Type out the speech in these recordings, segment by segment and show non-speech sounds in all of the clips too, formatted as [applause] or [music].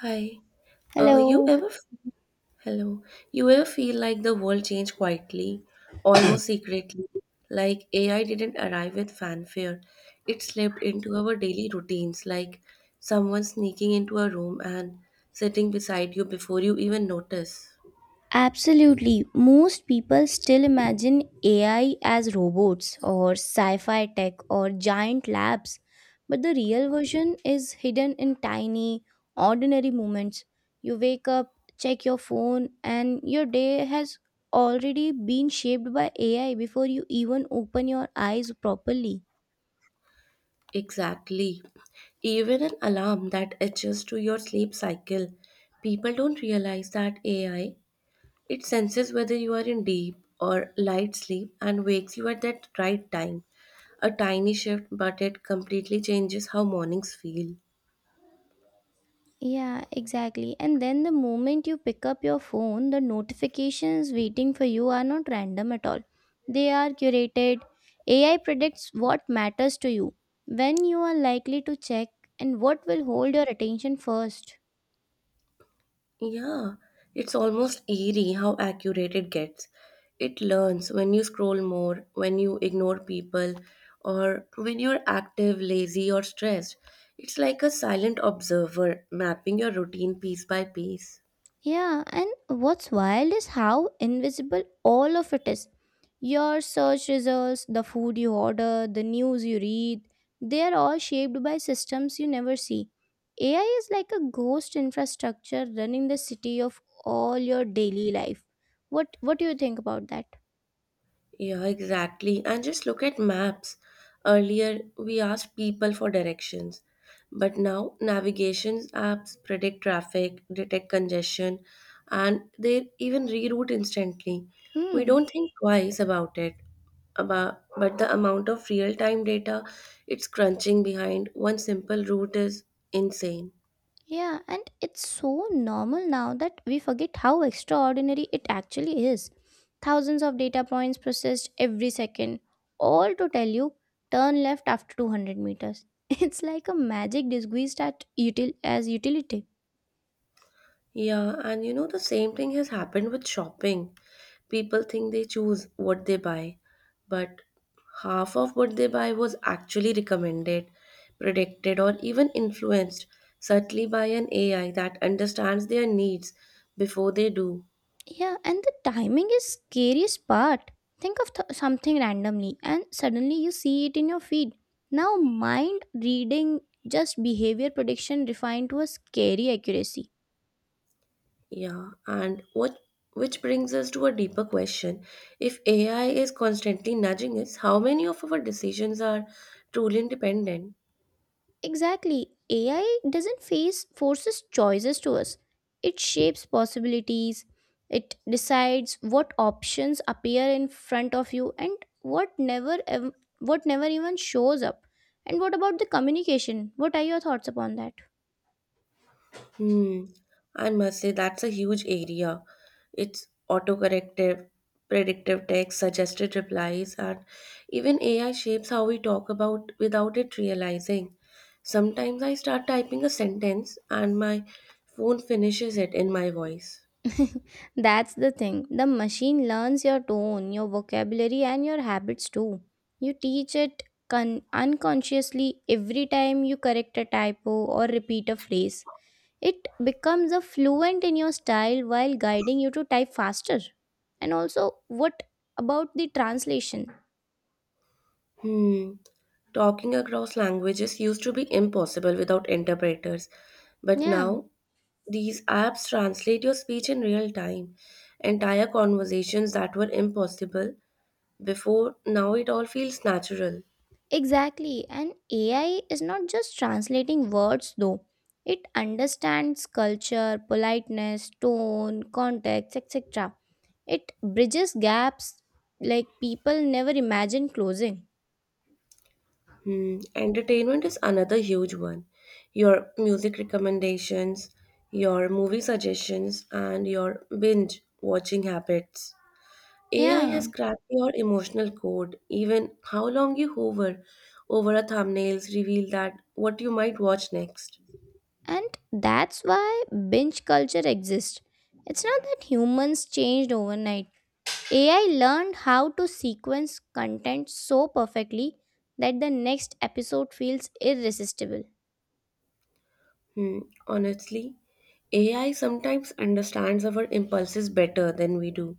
Hi. Uh, you Hello. ever f- Hello? You ever feel like the world changed quietly, almost secretly, like AI didn't arrive with fanfare. It slipped into our daily routines, like someone sneaking into a room and sitting beside you before you even notice. Absolutely. Most people still imagine AI as robots or sci fi tech or giant labs. But the real version is hidden in tiny, ordinary moments. You wake up, check your phone, and your day has already been shaped by AI before you even open your eyes properly. Exactly. Even an alarm that adjusts to your sleep cycle. People don't realize that AI, it senses whether you are in deep or light sleep and wakes you at that right time. A tiny shift, but it completely changes how mornings feel. Yeah, exactly. And then the moment you pick up your phone, the notifications waiting for you are not random at all. They are curated. AI predicts what matters to you, when you are likely to check, and what will hold your attention first. Yeah, it's almost eerie how accurate it gets. It learns when you scroll more, when you ignore people, or when you're active, lazy, or stressed. It's like a silent observer mapping your routine piece by piece. Yeah, and what's wild is how invisible all of it is. Your search results, the food you order, the news you read, they are all shaped by systems you never see. AI is like a ghost infrastructure running the city of all your daily life. What do you think about that? Yeah, exactly. And just look at maps. Earlier, we asked people for directions, but now navigation apps predict traffic, detect congestion, and they even reroute instantly. We Hmm. don't think twice about it. About, but the amount of real time data it's crunching behind one simple route is insane. Yeah, and it's so normal now that we forget how extraordinary it actually is. Thousands of data points processed every second, all to tell you turn left after 200 meters. [laughs] It's like a magic disguised as utility. Yeah, and you know, the same thing has happened with shopping. People think they choose what they buy, but half of what they buy was actually recommended, predicted, or even influenced subtly by an AI that understands their needs before they do. Yeah, and the timing is scariest part. Something randomly and suddenly you see it in your feed. Now mind reading just behavior prediction refined to a scary accuracy. Yeah, and what Which brings us to a deeper question. If AI is constantly nudging us, how many of our decisions are truly independent? Exactly. AI doesn't face forces choices to us. It shapes possibilities. It decides what options appear in front of you and what never even shows up. And what about the communication? What are your thoughts upon that? Hmm. I must say that's a huge area. It's autocorrective, predictive text, suggested replies, and even AI shapes how we talk about without it realizing. Sometimes I start typing a sentence and my phone finishes it in my voice. [laughs] That's the thing. The machine learns your tone, your vocabulary and your habits too. You teach it unconsciously every time you correct a typo or repeat a phrase. It becomes a fluent in your style while guiding you to type faster. And also, what about the translation? Hmm. Talking across languages used to be impossible without interpreters, but Yeah, now these apps translate your speech in real time. Entire conversations that were impossible before now, it all feels natural. exactly. And AI is not just translating words though. It understands culture, politeness, tone, context, etc. It bridges gaps like people never imagined closing. Hmm. Entertainment is another huge one. Your music recommendations, your movie suggestions, and your binge watching habits. AI Yeah, has cracked your emotional code. Even how long you hover over a thumbnails reveal that what you might watch next. and that's why binge culture exists. It's not that humans changed overnight, AI learned how to sequence content so perfectly that the next episode feels irresistible. Hmm, honestly, AI sometimes understands our impulses better than we do.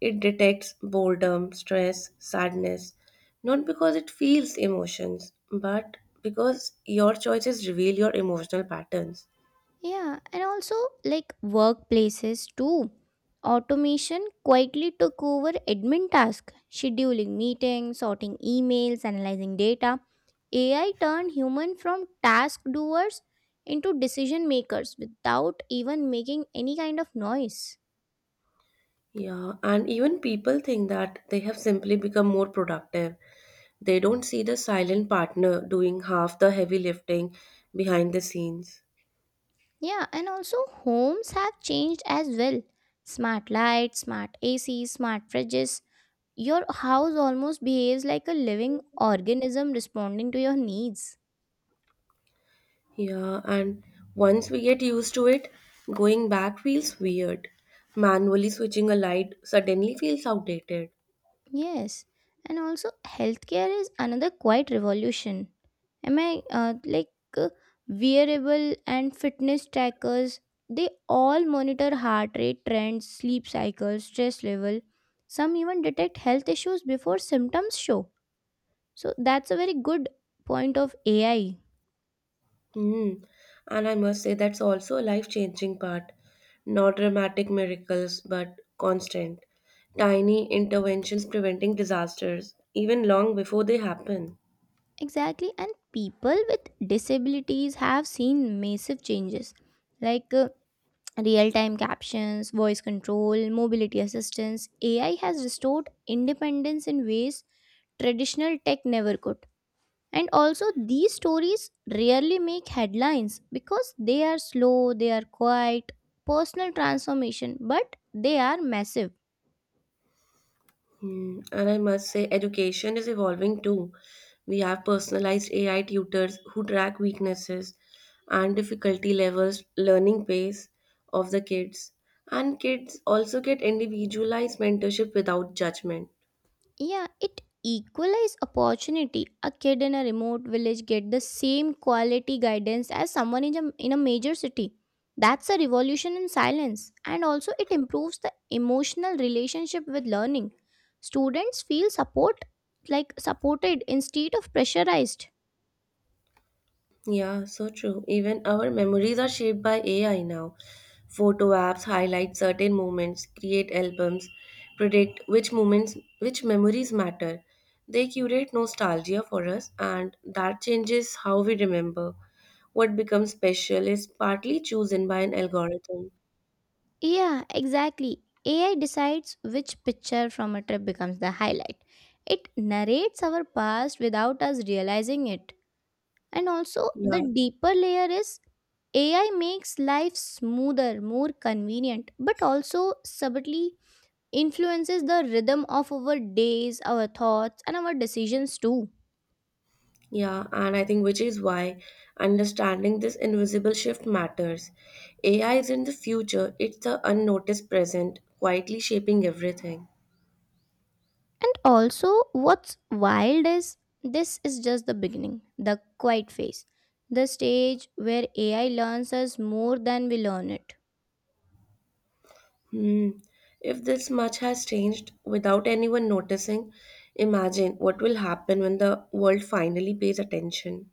It detects boredom, stress, sadness, not because it feels emotions, but because your choices reveal your emotional patterns. Yeah, and also like workplaces too. Automation quietly took over admin tasks, scheduling meetings, sorting emails, analyzing data. AI turned human from task doers into decision makers without even making any kind of noise. Yeah, and even people think that they have simply become more productive. They don't see the silent partner doing half the heavy lifting behind the scenes. Yeah, and also homes have changed as well. Smart lights, smart AC, smart fridges. Your house almost behaves like a living organism responding to your needs. Yeah, and once we get used to it, going back feels weird. Manually switching a light suddenly feels outdated. Yes, and also healthcare is another quiet revolution. Am I like uh, wearable and fitness trackers? They all monitor heart rate trends, sleep cycles, stress level. Some even detect health issues before symptoms show. So that's a very good point of AI. Hmm. And I must say, that's also a life changing part. Not dramatic miracles, but constant. Tiny interventions preventing disasters, even long before they happen. Exactly. And people with disabilities have seen massive changes like real time captions, voice control, mobility assistance. AI has restored independence in ways traditional tech never could. And also, these stories rarely make headlines because they are slow, they are quiet, personal transformation, but they are massive. Mm, and I must say, education is evolving too. We have personalized AI tutors who track weaknesses and difficulty levels, learning pace of the kids. And kids also get individualized mentorship without judgment. Yeah, it equalize opportunity. A kid in a remote village get the same quality guidance as someone in a major city. That's a revolution in silence and also it improves the emotional relationship with learning. Students feel support like supported instead of pressurized. Yeah, so true. Even our memories are shaped by AI now. Photo apps highlight certain moments, create albums, predict which moments, which memories matter. They curate nostalgia for us, and that changes how we remember. What becomes special is partly chosen by an algorithm. Yeah, exactly. AI decides which picture from a trip becomes the highlight. It narrates our past without us realizing it. And also the Yeah, deeper layer is AI makes life smoother, more convenient, but also subtly influences the rhythm of our days, our thoughts and our decisions too. yeah, and I think which is why understanding this invisible shift matters. AI is in the future, it's the unnoticed present, quietly shaping everything. And also what's wild is this is just the beginning, the quiet phase, the stage where AI learns us more than we learn it. Hmm. If this much has changed without anyone noticing, imagine what will happen when the world finally pays attention.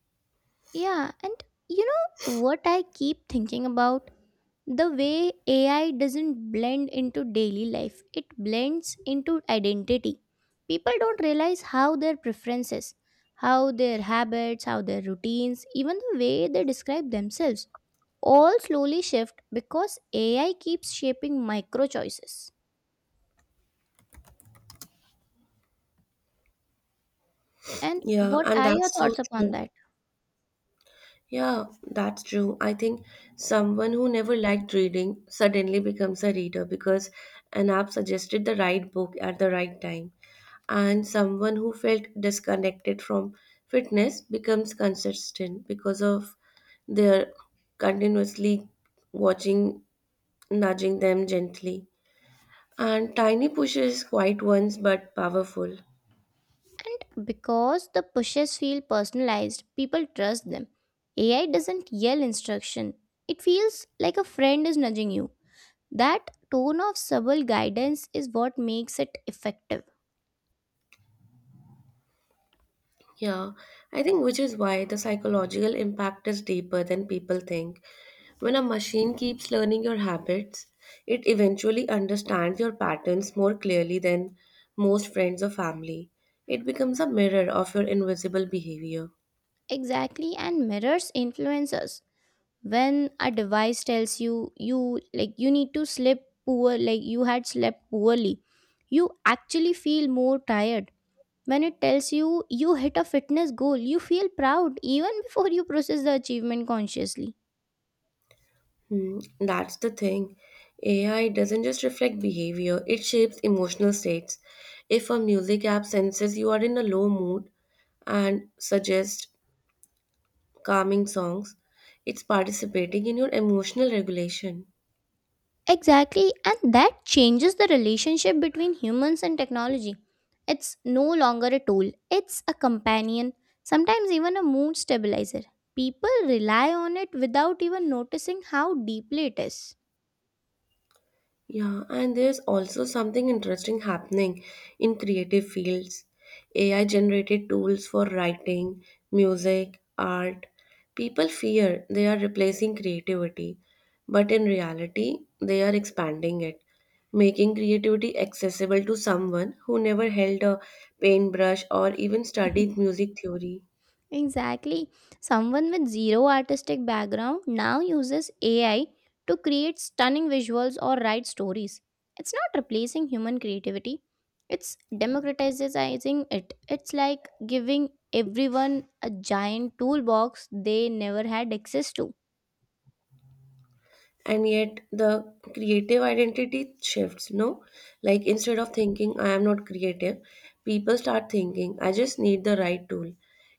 Yeah, and you know what I keep thinking about? The way AI doesn't blend into daily life, it blends into identity. People don't realize how their preferences, how their habits, how their routines, even the way they describe themselves all slowly shift because AI keeps shaping micro choices. And Yeah, what and are your that's so thoughts upon true. that? Yeah, that's true. I think someone who never liked reading suddenly becomes a reader because an app suggested the right book at the right time. And someone who felt disconnected from fitness becomes consistent because of their continuously watching nudging them gently. And tiny pushes, quiet ones but powerful. And because the pushes feel personalized, people trust them. AI doesn't yell instruction. It feels like a friend is nudging you. That tone of subtle guidance is what makes it effective. Yeah, I think which is why the psychological impact is deeper than people think. When a machine keeps learning your habits, it eventually understands your patterns more clearly than most friends or family. It becomes a mirror of your invisible behavior. Exactly, and mirrors influencers. When a device tells you you like you need to sleep poor like you had slept poorly, you actually feel more tired. When it tells you you hit a fitness goal, you feel proud even [laughs] before you process the achievement consciously. Hmm, that's the thing. AI doesn't just reflect behavior, it shapes emotional states. If a music app senses you are in a low mood and suggests calming songs, it's participating in your emotional regulation. Exactly, and that changes the relationship between humans and technology. It's no longer a tool, it's a companion, sometimes even a mood stabilizer. People rely on it without even noticing how deeply it is. Yeah, and there's also something interesting happening in creative fields. AI generated tools for writing, music, art. People fear they are replacing creativity, but in reality, they are expanding it, making creativity accessible to someone who never held a paintbrush or even studied [laughs] music theory. Exactly. Someone with zero artistic background now uses AI to create stunning visuals or write stories. It's not replacing human creativity, it's democratizing it. It's like giving everyone a giant toolbox they never had access to. And yet the creative identity shifts, no? Like instead of thinking I am not creative, people start thinking I just need the right tool.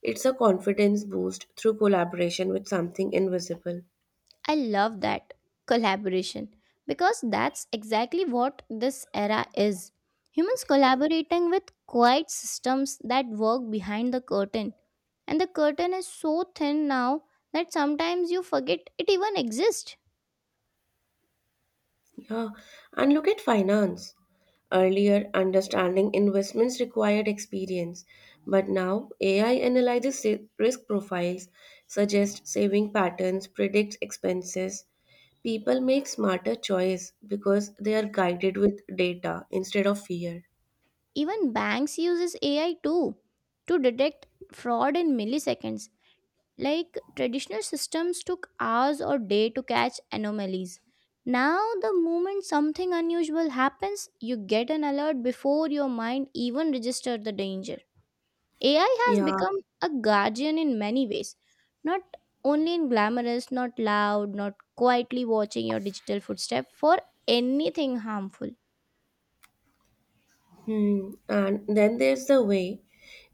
It's a confidence boost through collaboration with something invisible. I love that collaboration because that's exactly what this era is. Humans collaborating with quiet systems that work behind the curtain. And the curtain is so thin now that sometimes you forget it even exists. Yeah, and look at finance. Earlier, understanding investments required experience, but now AI analyzes risk profiles, suggests saving patterns, predicts expenses. People make smarter choice because they are guided with data instead of fear. Even banks uses AI too to detect fraud in milliseconds. Like traditional systems took hours or day to catch anomalies. Now, the moment something unusual happens, you get an alert before your mind even registers the danger. AI has Yeah. become a guardian in many ways, not only in glamorous, not loud, not quietly watching your digital footstep for anything harmful. Hmm. And then there's the way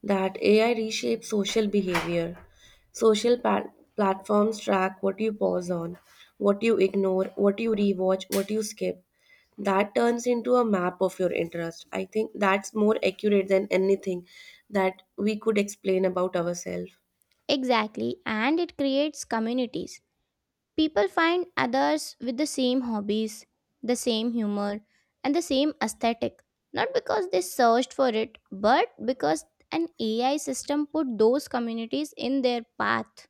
that AI reshapes social behavior. Social pa- Platforms track what you pause on, what you ignore, what you rewatch, what you skip. That turns into a map of your interest. I think that's more accurate than anything that we could explain about ourselves. Exactly, and it creates communities. People find others with the same hobbies, the same humor, and the same aesthetic, not because they searched for it, but because an AI system put those communities in their path.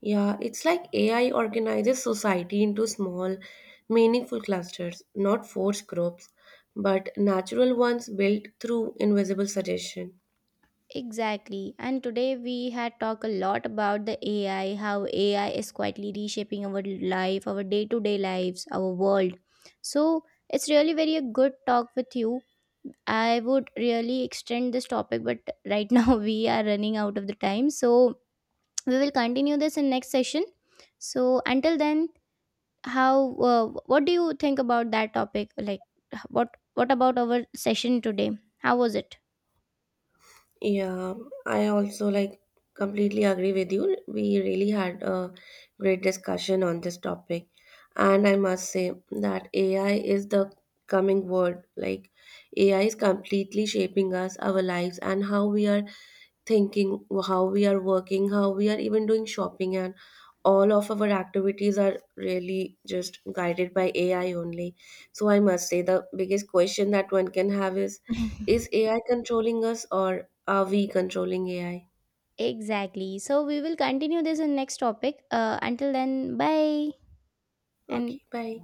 Yeah, it's like AI organizes society into small, meaningful clusters, not forced groups, but natural ones built through invisible suggestion. Exactly. And today we had talked a lot about the AI, how AI is quietly reshaping our life, our day to day lives, our world. So it's really very a good talk with you. I would really extend this topic, but right [laughs] now we are running out of the time. So we will continue this in next session. So until then, how what do you think about that topic? Like what about our session today? How was it? Yeah, I also like completely agree with you. We really had a great discussion on this topic. And I must say that AI is the coming word. Like, AI is completely shaping us, our lives, and how we are thinking, how we are working, how we are even doing shopping, and all of our activities are really just guided by AI only. So I must say the biggest question that one can have is [laughs] AI controlling us or are we controlling AI? Exactly. So we will continue this in next topic. Until then, bye and Okay, bye.